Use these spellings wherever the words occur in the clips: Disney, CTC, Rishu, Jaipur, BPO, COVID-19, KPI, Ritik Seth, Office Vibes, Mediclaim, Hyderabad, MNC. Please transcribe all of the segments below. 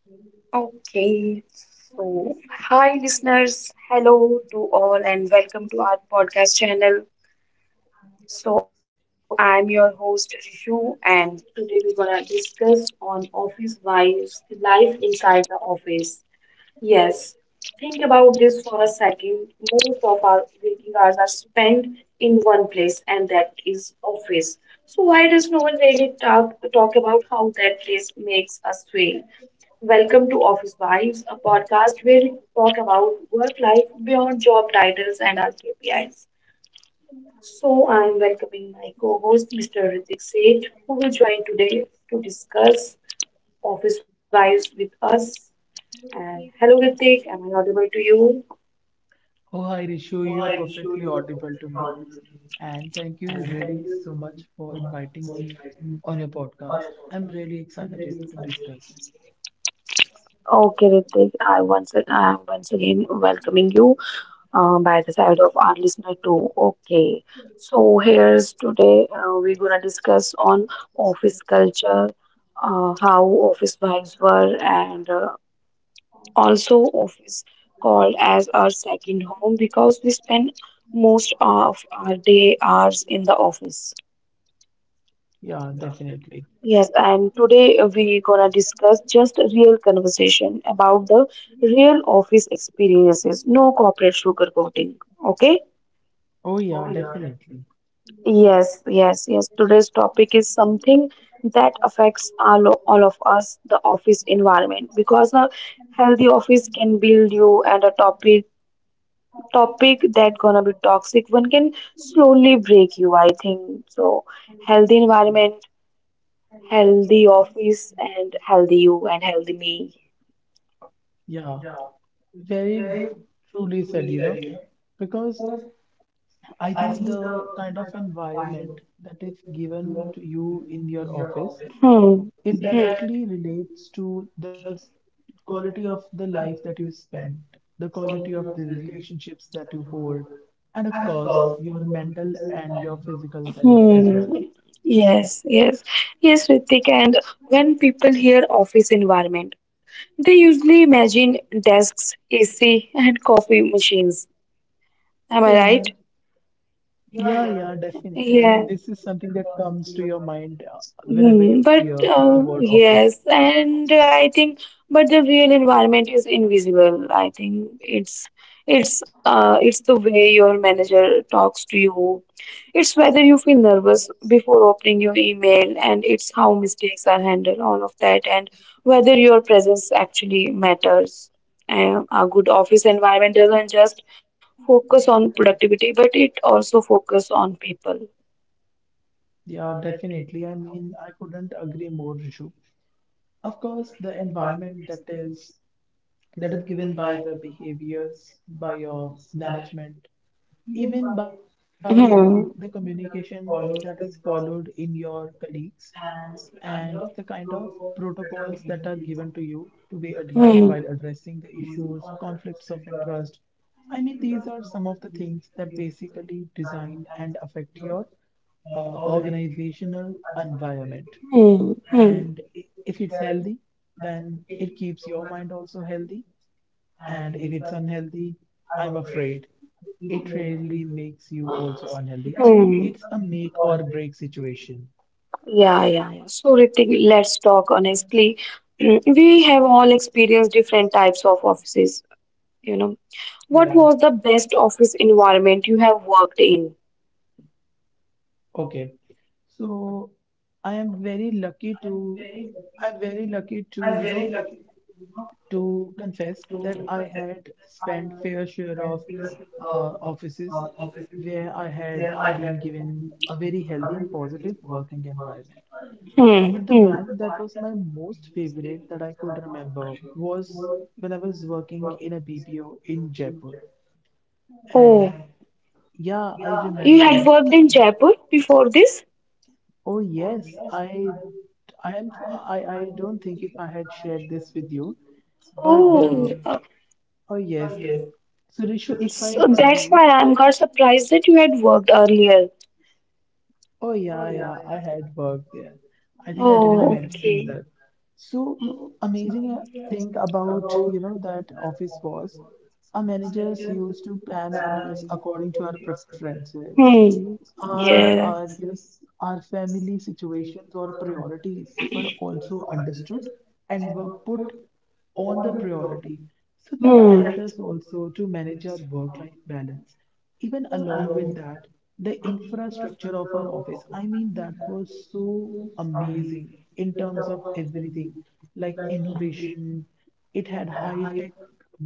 Okay, so hi listeners, hello to all, and welcome to our podcast channel. So I'm your host Rishu, and today we're gonna discuss on office vibes, life inside the office. Yes, think about this for a second. Most of our waking hours are spent in one place, and that is office. So why does no one really talk about how that place makes us feel? Welcome to Office Vibes, a podcast where we talk about work life beyond job titles and our KPIs. I'm welcoming my co host, Mr. Ritik Seth, who will join today to discuss Office Vibes with us. And hello, Ritik, am I audible to you? Oh, hi Rishu, you are perfectly audible to me. And thank you really so much for inviting me on your podcast. I'm really excited to discuss. Okay, Ritik, I am once again welcoming you by the side of our listener too. Okay, so here's today we're gonna discuss on office culture, how office vibes were, and also office called as our second home because we spend most of our day hours in the office. Yeah, definitely. Yes, Uh, and today we're gonna discuss just a real conversation about the real office experiences, no corporate sugarcoating. Okay. Oh, yeah, definitely. Yes. Today's topic is something that affects all of us, the office environment, because a healthy office can build you, and a topic that gonna be toxic one can slowly break you, I think. So, healthy environment, healthy office, and healthy you and healthy me. Yeah, very truly said, you know, because I think the kind of environment that is given to you in your office, it directly relates to the quality of the life that you spend, the quality of the relationships that you hold, and of course, your mental and your physical Health. health as well. Hmm. Yes, yes, yes, Ritik. And when people hear office environment, they usually imagine desks, AC, and coffee machines. Oh, yeah. Am I right? Yeah, definitely. I mean, this is Yeah. something that comes to your mind whenever you Hmm. hear But the word office, yes, and but the real environment is invisible. I think it's the way your manager talks to you. It's whether you feel nervous before opening your email, and it's how mistakes are handled, all of that, and whether your presence actually matters. A good office doesn't environment doesn't just focus on productivity, but it it? also focus on people. Yeah, definitely. I mean, I couldn't agree more, Rishu. Of course, the environment that is given by the behaviors, by your management, even by the communication that is followed in your colleagues, and the kind of protocols that are given to you to be adhered while addressing the issues, conflicts of interest. I mean, these are some of the things that basically design and affect your organizational environment. Hmm, And hmm. if it's healthy, then it keeps your mind also healthy. And if it's unhealthy, I'm afraid it really makes you also unhealthy. I mean, it's a make or break situation. Yeah. So, Ritik, let's talk honestly. We have all experienced different types of offices, you know. Yeah. What was the best office environment you have worked in? Okay. So I am very lucky to I'm very lucky to, you know, to confess that I had spent fair share of uh, offices where I had been given a very healthy and positive working environment. Hmm, But the hmm. one that was my most favorite that I could remember was when I was working in a BPO in Jaipur. Oh, And yeah, I you had remember. worked in Jaipur before this? Oh yes, I don't think if I had shared this with you, but Oh, oh yes. So Rishu, if I so tell that's why you, I'm got surprised that you had worked earlier. oh yeah, yeah, I had worked there. I think I didn't Oh, mention okay. that. So amazing thing about, you know, that office was our managers used to plan our leaves according to our preferences. Hmm. Yes, our family situations or priorities were also understood and were put Yes. on the priority. So that Hmm. helped Hmm. us Hmm. also to manage our work-life balance. Even along with that, the infrastructure of our office, I mean, that was so amazing in terms of everything, like innovation. It had high tech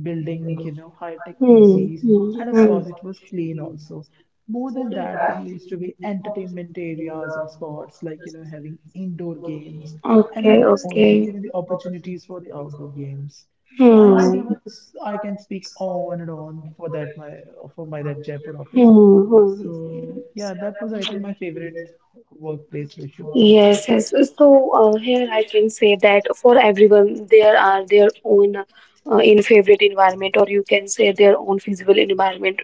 building, you know, high tech PCs, and of course, Hmm. it was clean also. More than that, there used to be entertainment areas and spots like, you know, having indoor games. And we Okay. were also Okay. given the opportunities for the outdoor games. So I mean, there Hmm. was I can speak on and on for that my for my that Jaipur office. Hmm. So hmm. yeah, that was I think my favorite workplace issue. Yes, yes. So here I can say that for everyone, there are their own in favorite environment, or you can say their own feasible environment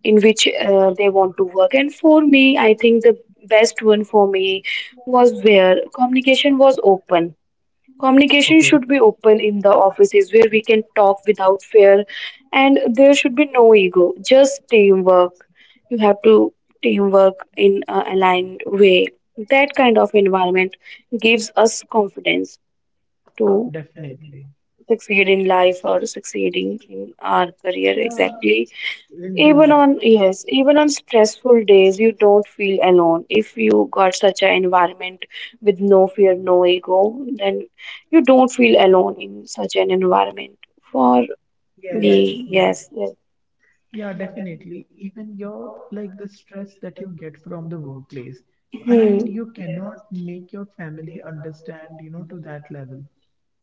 in which they want to work. And for me, I think the best one for me was where communication was open. Communication Okay. should be open in the offices where we can talk without fear, and there should be no ego, just teamwork. You have to teamwork in a aligned way. That kind of environment gives us confidence to Definitely. succeed in life or succeeding in our career Yeah, exactly indeed. even on, yes, even on stressful days, you don't feel alone. If you got such an environment with no fear, no ego, then you don't feel alone in such an environment. For Yes. Yes, me, yes. yes, yes. Yeah, definitely. Even your like the stress that you get from the workplace. I mean, you cannot make your family understand, you know, to that level,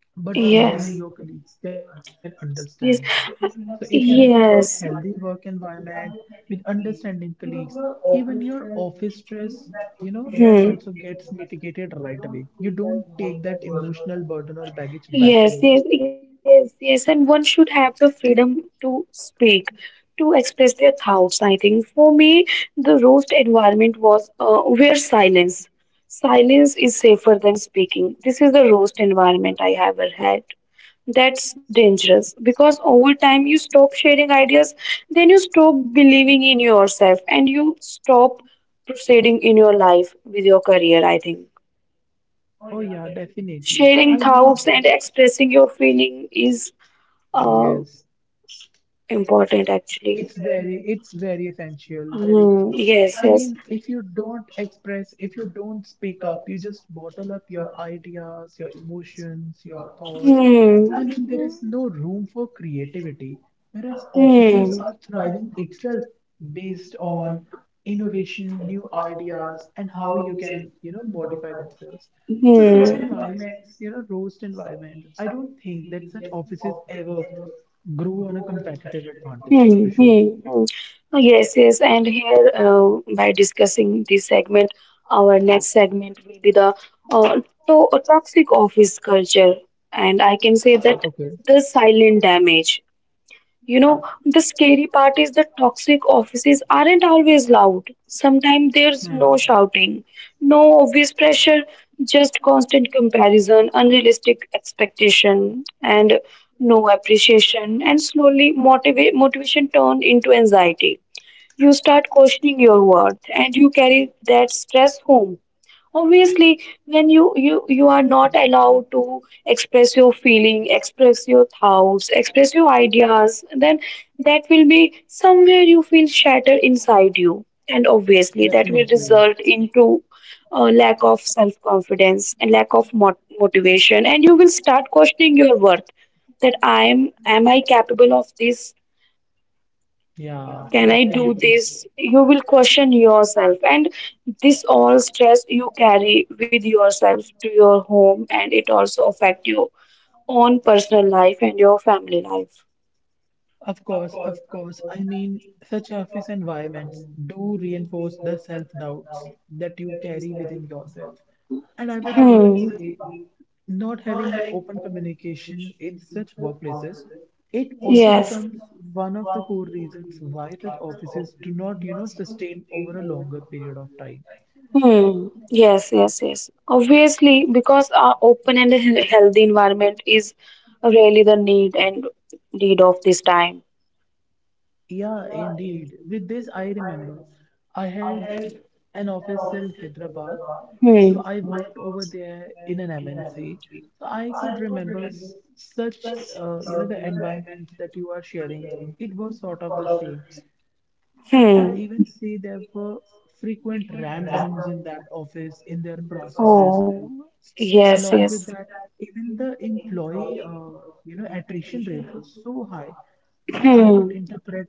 but only your colleagues can understand that. Yes. So, if you have a healthy work environment with understanding colleagues, even your office stress, you know, that also gets mitigated right away. You don't take that emotional burden or baggage back to home. Yes. And one should have the freedom to speak, to express their thoughts, I think. For me, the roast environment was where silence. Silence is safer than speaking. This is the roast environment I have ever had. That's dangerous because over time you stop sharing ideas, then you stop believing in yourself and you stop proceeding in your life with your career, I think. Oh, yeah, definitely. Sharing thoughts and expressing your feeling is Yes, uh, important actually. It's very essential, very true. Hmm, I yes, mean, yes. if you don't express, if you don't speak up, you just bottle up your ideas, your emotions, your thoughts, I Hmm. mean, there is no room for creativity, whereas offices are thriving itself based on Hmm. innovation, new ideas, and how you can, you know, modify themselves. So such Yeah. environments, you know, roast environment. I don't think that such offices ever grow on a competitive advantage, Hmm, to show. hmm, hmm. Oh, yes, yes. And here, by discussing this segment, our next segment will be the uh, toxic office culture. And I can say that Okay. the silent damage. You know, the scary part is the toxic offices aren't always loud. Sometimes there's Hmm. no shouting, no obvious pressure, just constant comparison, unrealistic expectation, And and the world no is shifting, and appreciation. it And shows. slowly, We need to motivation move turns into a new into environment. anxiety. You start questioning your worth, and you carry that stress home. Obviously, when you are not allowed to express your feeling, express your thoughts, express your ideas, then that will be somewhere you feel shattered inside you, and obviously that will Definitely. result into a lack of self confidence and lack of motivation, and you will start questioning your worth. That I'm am I capable of this? Yeah, Can I do definitely. this? You will question yourself, and this all stress you carry with yourself to your home, and it also affect your own personal life and your family life. Of course, of course. I mean, such office environments do reinforce the self-doubts that you carry within yourself. And I would even hmm say, not having open communication in such workplaces, it also Yes. becomes one of the core reasons why such offices do not, you know, sustain over a longer period of time. Hmm. Yes. Obviously, because our open and healthy environment is really the need and need of this time. Yeah, indeed. With this, I remember I had an office in Hyderabad. So Hmm. I worked over there in an MNC. So I could remember such, you know, the environment that you are sharing. It was sort of the same. And I could Hmm. even see there were frequent ram downs in that office, in their processes. Oh, yes, Along yes. with that, even the employee, you know, attrition rate was so high, and I could Hmm. interpret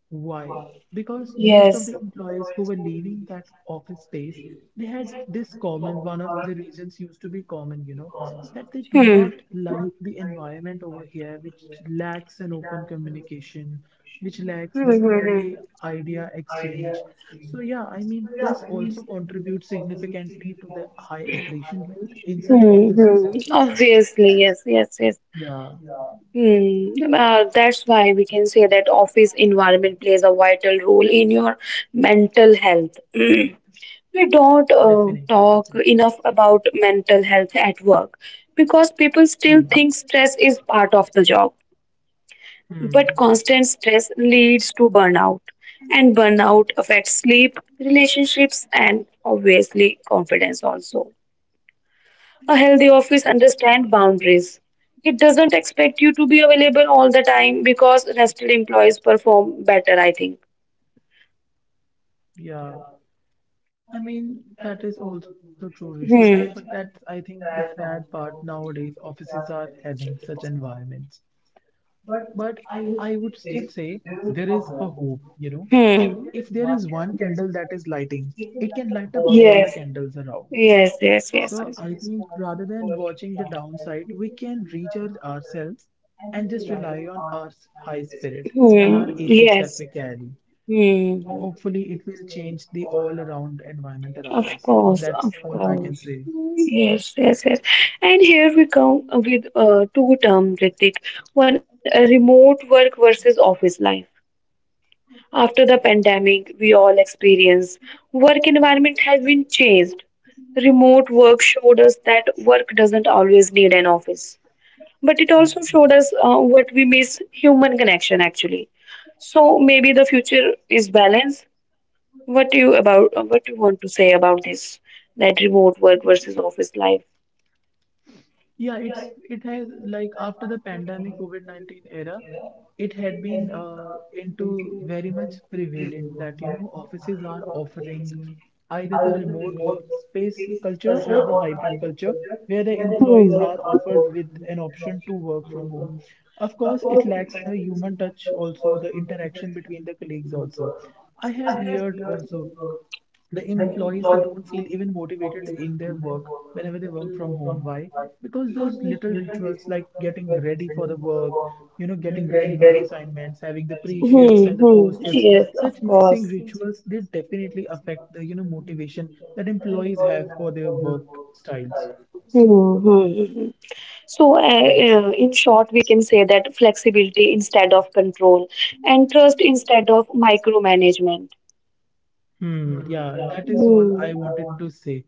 why. Because most of the Yes. employees who were leaving that office space, they had this common, one of the reasons used to be common, you know, that Hmm. they do Hmm, not like the environment over here, which lacks an open communication, which lacks the hmm, two-way hmm. idea exchange. So yeah, I mean, this also contributes significantly to the high attrition rate in such Hmm, offices, hmm. Obviously, yes, yes, yes. yeah. Hmm. That's why we can say that office environment plays a vital role in your mental health. We don't Definitely. Definitely. talk enough about mental health at work because people Hmm. still think stress is part of the job. Hmm. But constant stress leads to burnout, and burnout affects sleep, relationships, and obviously confidence also. A healthy office understands boundaries. It doesn't expect you to be available all the time because rested employees perform better, I think. Yeah. I mean, that is also true, Rishu. But that's, I Hmm. think, the sad part nowadays. Offices are having such environments. But I would still say there is a hope, you know. If there is Hmm. one candle that is lighting, it can light up all the candles Yes. around. Yes. So Yes. I Yes. think rather yes. than watching the downside, we can recharge ourselves and just rely on our high spirit and our Hmm. ethics that we carry. Yes. Hmm. Hopefully, it will change the all around environment around us. Of That's course, all I of can say. course. Yes, yes, yes. And here we come with two terms, Ritik. One, remote work versus office life. After the pandemic, we all experienced work environment has been changed. Remote work showed us that work doesn't always need an office, but it also showed us what we miss human connection actually. So maybe the future is balance. What do you want to say about this that remote work versus office life? Yeah, it's it has after the pandemic COVID-19 era, it had been into very much prevalent that, you know, offices are offering either the remote workspace culture or the hybrid culture where the employees are offered with an option to work from home. Of course, it lacks the human touch also, the interaction between the colleagues also. I had heard also the employees they don't feel even motivated in their work whenever they work from home, why? Because those little rituals like getting ready for the work, you know, getting ready for the assignments, having the pre shifts and the post shifts, such Of missing rituals, they definitely affect the, you know, motivation that employees have for their work styles. Hmm, hmm, hmm. So, Yes. In short, we can say that flexibility instead of control and trust instead of micromanagement. Hmm, yeah, that is all I Hmm. wanted To to say.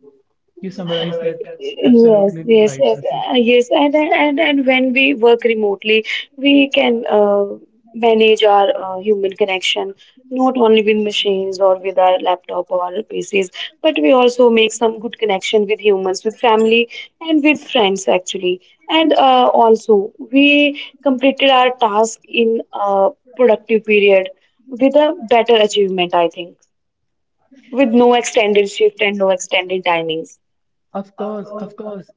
You summarized that Yes, absolutely yes, right, yes, Rishu. Yes, and when we work remotely, we can manage our human connection not only with machines or with our laptop or our PCs, but we also make some good connection with humans, with family, and with friends actually. And also, we completed our task in a productive period with a better achievement, I think with no extended shift and no extended timings. Of course, of course.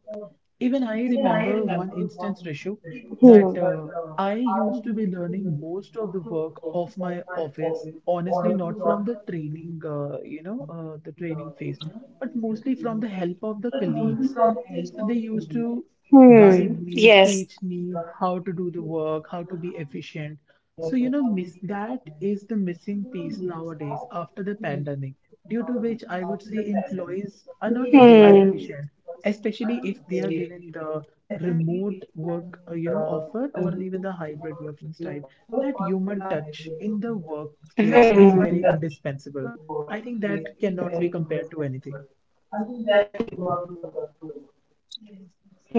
Even I remember one instance, Hmm. Rishu, that Hmm. I used to be learning most of the work of my office, honestly, not from the training, you know, the training phase, but mostly from the help of the colleagues. So they used to guide me, Yes. teach me how to do the work, how to be efficient. So, you know, miss that is the missing piece nowadays after the pandemic, due to which I would say employees are not Hmm. very efficient, especially if they are given the remote work, you know, offer or even the hybrid working style. That human touch in the Hmm. Hmm. workplace is very indispensable. I think that cannot be compared to anything. hmm, hmm.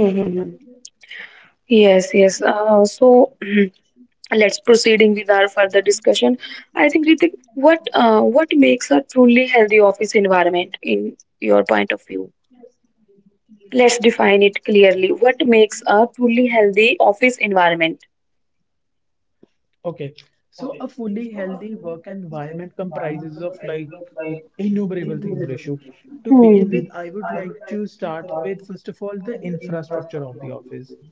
Yes, yes. So let's proceeding with our further discussion. I think, Ritik, what makes a truly healthy office environment in your point of view? Let's define it clearly what makes a truly healthy office environment. Okay, so a fully healthy work environment comprises of like innumerable things, Rishu. Hmm. To Hmm. Hmm. begin with, I would like to start with first of all the infrastructure of the office.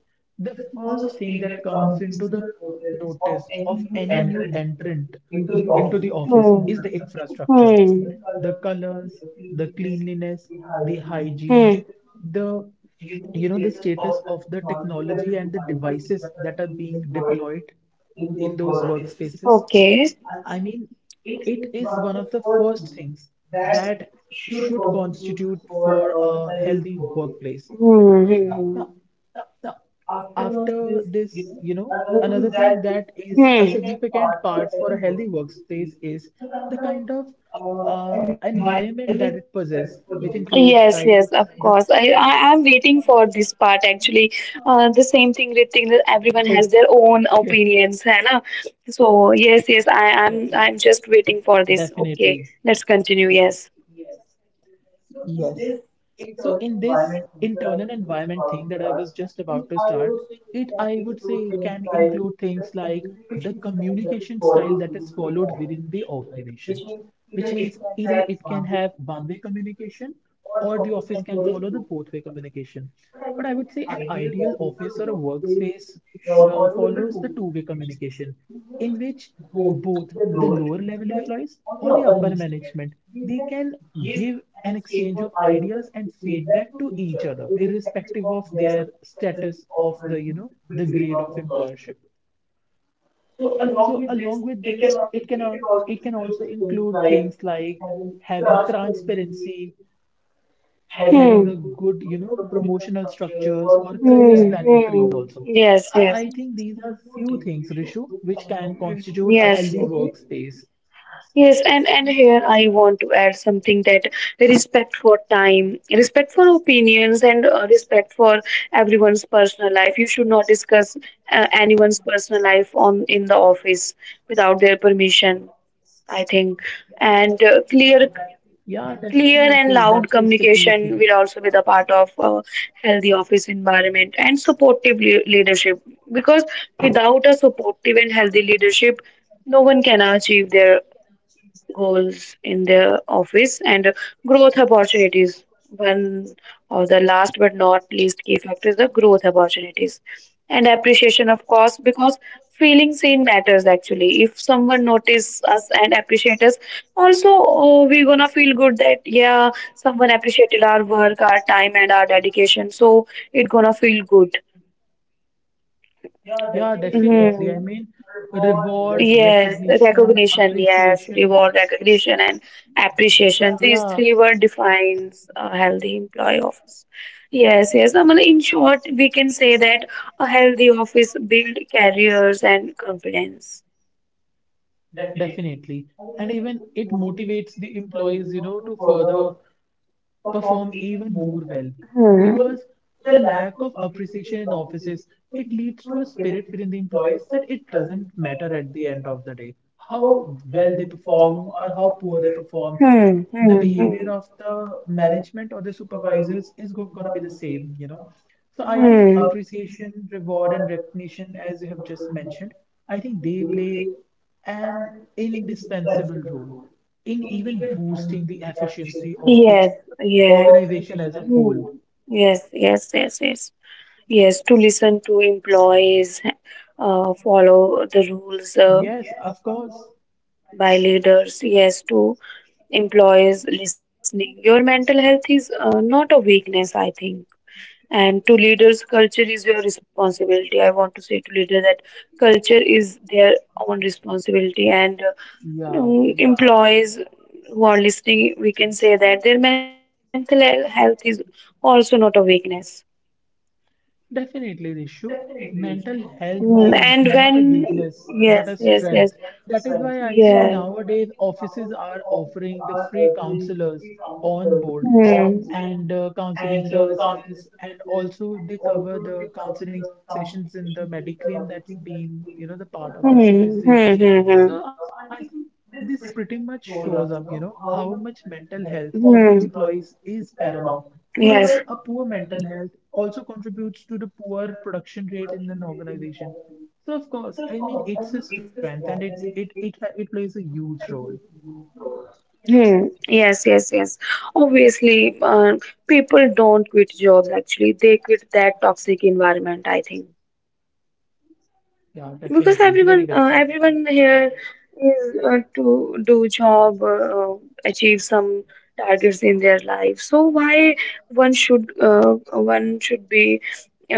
The first thing that comes into the notice of any new entrant into the office is the infrastructure. The colors, the cleanliness, the hygiene, Hmm. the, you know, the status of the technology and the devices that are being deployed in those workspaces. Okay. I mean, it is one of the first things that should constitute for a healthy workplace. Now, Hmm. now, after this, you know, another thing that is a Hmm. significant part for a healthy Hmm. workspace is the kind of environment that it possesses, which includes Yes, like yes, of the course. I am waiting for this part actually. The same thing, Ritik, that okay, everyone has their own opinions, है ना? So yes, yes, I am. definitely, I'm just waiting for this. Okay, let's continue. Yes. yes. So in this internal environment thing that I was just about to start, it I would say can include things like the communication style that is followed within the organization, which means either it can have one-way communication or the office can follow the both way communication. But I would say an ideal office or a workspace follows the two-way communication, in which both the lower level employees or the upper management, they can give an exchange of ideas and feedback to each other irrespective of their status of the, you know, the grade of employership. So along with this, it can also include things like having transparency, having a Hmm. good, you know, promotional structures or career Hmm. planning trees hmm. also. So Yes. I Yes. think these are few things, Rishu, which can constitute a healthy Yes. workspace. Yes, and here I want to add something that respect for time, respect for opinions, and respect for everyone's personal life. You should not discuss anyone's personal life on in the office without their permission, I think. Yeah, And definitely. That is the key clear thing. and loud communication will also be the part of a healthy office environment and supportive leadership. Because without a supportive and healthy leadership, no one can achieve their goals in their office and growth opportunities. One of the last but not least key factor is the growth opportunities and appreciation, of course, because feeling seen matters actually. If someone notice us and appreciate us, also oh, we gonna feel good that yeah, someone appreciated our work, our time, and our dedication. So it gonna feel good. Yeah, definitely. I hmm mean, reward, Yes, recognition. Yes, reward, recognition, and appreciation. These three word defines a healthy employee office. Yes, yes. I mean, in short, we can say that a healthy office build careers and confidence. definitely. And even it motivates the employees, you know, to further perform even more well. Hmm. Because the lack of appreciation in offices, it leads to a spirit within the employees that it doesn't matter at the end of the day how well they perform or how poor they perform. Hmm. The The behavior Hmm. of the management or the supervisors is go gonna be the same, you know. So I think appreciation, reward, and recognition, as you have just mentioned, I think they play an indispensable role in even boosting the efficiency of the Yes. Yes. organization as a whole. Yes. Yes, to listen to employees, follow the rules Yes, of course. by leaders. Yes, to employees listening. Your mental health is not a weakness, I think. And to leaders, culture is your responsibility. I want to say to leader that culture is their own responsibility. And Yeah. Employees who are listening, we can say that their mental health is also not a weakness. Definitely, Rishu. Mental Mm, health and is not a when, weakness, yes, but a yes, yes, strength. That is why I yes. think nowadays offices are offering the free counselors on board Hmm. and counseling services, and also they cover the counseling sessions in the Mediclaim that's been, you know, the part of the Hmm, CTC. hmm, hmm, So hmm. I think this pretty much shows up, you know, how much mental health of the employees is paramount. Moreover, a poor mental health also contributes to the poor production rate in an organization. So, of course, I mean, it's a strength and it plays a huge role. Hmm. Yes, yes, yes. Obviously, people don't quit jobs actually. They quit that toxic environment, I think. Yeah, Because definitely. Very everyone well said. everyone here is to do job achieve some targets in their life. So why one should be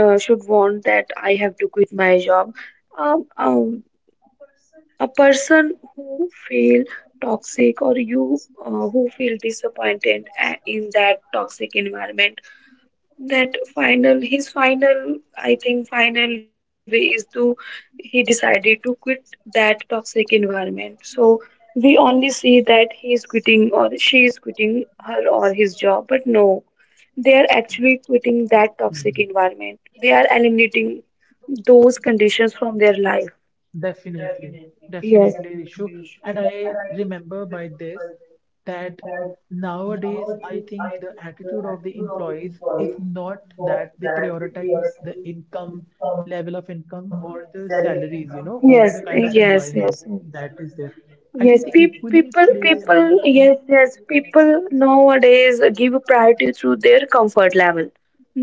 should want that I have to quit my job? um, um, a person who feel toxic or you who feel disappointed in that toxic environment, that final his final, I think, final way is to he decided to quit that toxic environment. So we only see that he is quitting or she is quitting her or his job, but no, they are actually quitting that toxic environment. They are eliminating those conditions from their life. Definitely, definitely, Rishu. And I remember by this that nowadays I think the attitude of the employees is not that they prioritize the income, level of income, or the salaries, you know, over the kind of environment that is there. I think they Yes, that equally play, people, yes, yes, people nowadays give priority to their comfort level,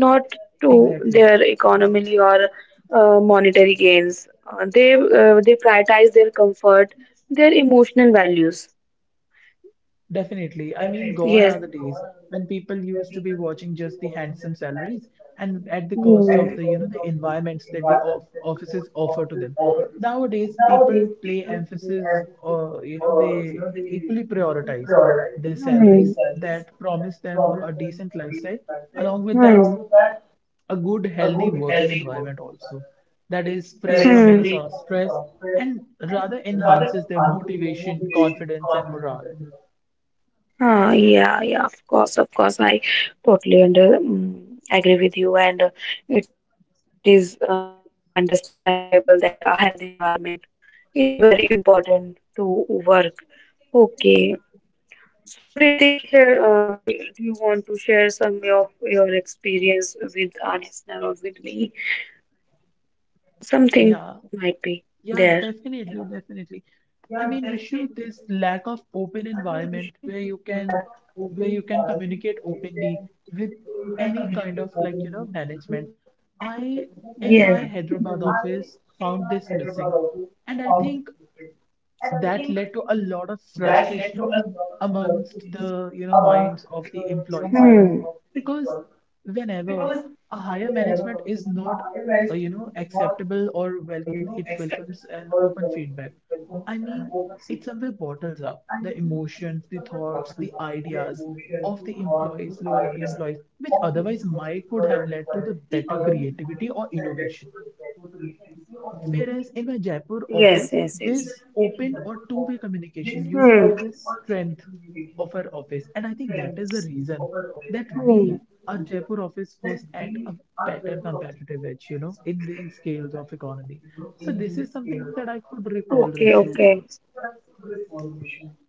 not to exactly. their economy or monetary gains. They prioritize their comfort, their emotional values. Definitely. I mean, gone are the Yes. days when people used to be watching just the handsome salaries and at the cost Hmm. of the, you know, the environments that the of offices offer to them. Nowadays, people play emphasis or, you know, they equally prioritize their salaries that promise them a decent lifestyle. Along with that, Hmm. a good, healthy working environment also that is free from Hmm. any Hmm. sort of stress and rather enhances their motivation, confidence, and morale. Yeah, of course, of course. I totally agree with you, and it is understandable that a healthy environment is very important to work. Okay, so Ritik, here, do you want to share some of your experience with our listener or with me? Something might be Yeah, there. yeah, definitely, definitely. I mean, Rishu, this lack of open environment where you can communicate openly with any kind of like, you know, management. Yes. I in my Hyderabad office found this Mm. missing, and I think that led to a lot of frustration amongst the, you know, minds of the employees because whenever a higher management is not you know, acceptable or well, it welcomes an open feedback. I mean, it somewhere bottles up the emotions, the thoughts, the ideas of the employees, lower level employees, which otherwise might could have led to the better creativity or innovation. Whereas in my Yes, Jaipur yes, yes. office, Hmm. this open or two-way communication Hmm. used to be the strength of our office. And I think that is the reason that our Jaipur office was at a better competitive edge, you know, in the scales of economy. So this is something that I could Okay, recall, okay. Rishu.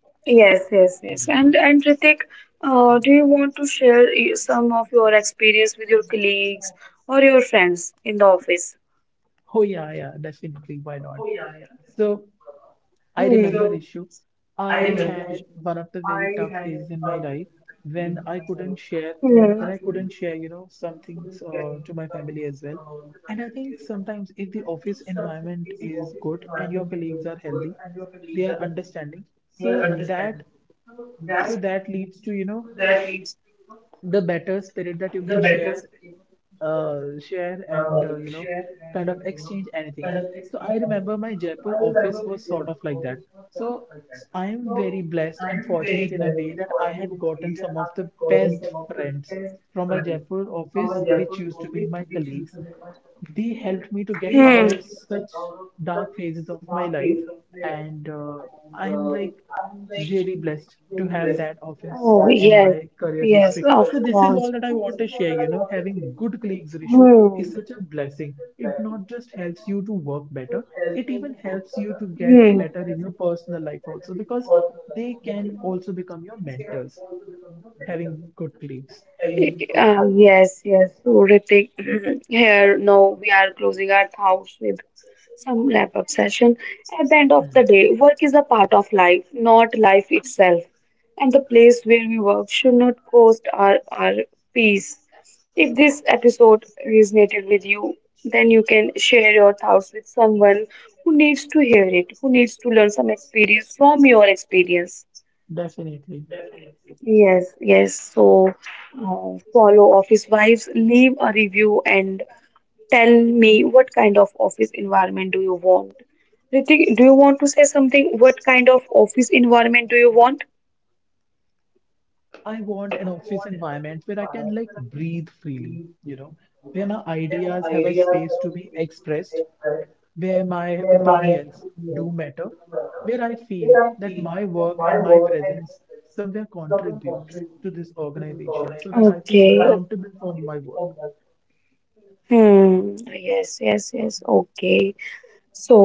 Yes, yes, yes. And Ritik, do you want to share some of your experience with your colleagues or your friends in the office? Oh yeah, yeah, definitely. Why not? So I remember Hmm. issue. I had one of the very tough phases in my life when I couldn't share, you know, some things to my family as well. And I think sometimes if the office environment is good and your colleagues are healthy, they are understanding. So that, so that leads to, you know, the better spirit that you can share share and you know, kind of exchange anything. So I remember my Jaipur office was sort of like that. So I am very blessed and fortunate in a way that I had gotten some of the best friends from my Jaipur office which used to be my colleagues. They helped me to get out of Hmm. such dark phases of my life, and I'm like really blessed to have that office in Oh, my yes. career history. So Yes, this of is all that I course. want to share. You know, having good colleagues, Rishu, is such Hmm. a blessing. It not just helps you to work better, it even helps you to get better in your personal life also because they can also become your mentors Hmm. having good colleagues. Yes. So, Ritik, here now we are closing our thoughts with some wrap up session. At the end of the Mm. day, work is a part of life, not life itself. And the place where we work should not cost our peace. If this episode resonated with you, then you can share your thoughts with someone who needs to hear it, who needs to learn some experience from your experience. Definitely. Yes, yes. So, follow Office Vibes, leave a review and tell me what kind of office environment do you want? Ritik, do you want to say something? What kind of office environment do you want? I want an office environment where I can like breathe freely, you know, where my ideas have a space to be expressed, where my opinions do matter, where I feel that my work and my presence somewhere contributes to this organization so that I feel Okay. accountable for my work. Hmm. Yes, yes, yes. Okay. So,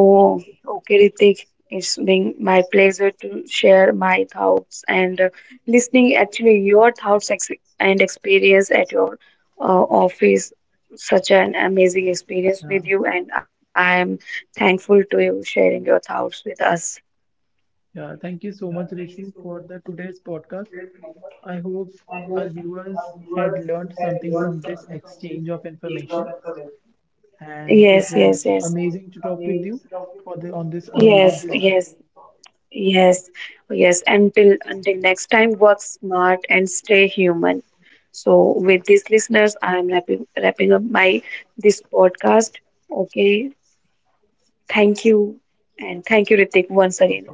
okay, Ritik, it's been my pleasure to share my thoughts and listening actually your thoughts ex and experience at your uh, office. Such an amazing experience Yeah, with you, and I am thankful to you sharing your thoughts with us. yeah. Thank you so much, Rishu, for the today's podcast. I hope our viewers had learned something from this exchange of information, and Yes, it yes, was yes. amazing to talk with you for the on this Yes, amazing topic. yes, yes, yes. Until next time, work smart and stay human. So with these listeners, I am wrapping up my this podcast. Okay. Thank you. And thank you, Okay. Ritik, once again.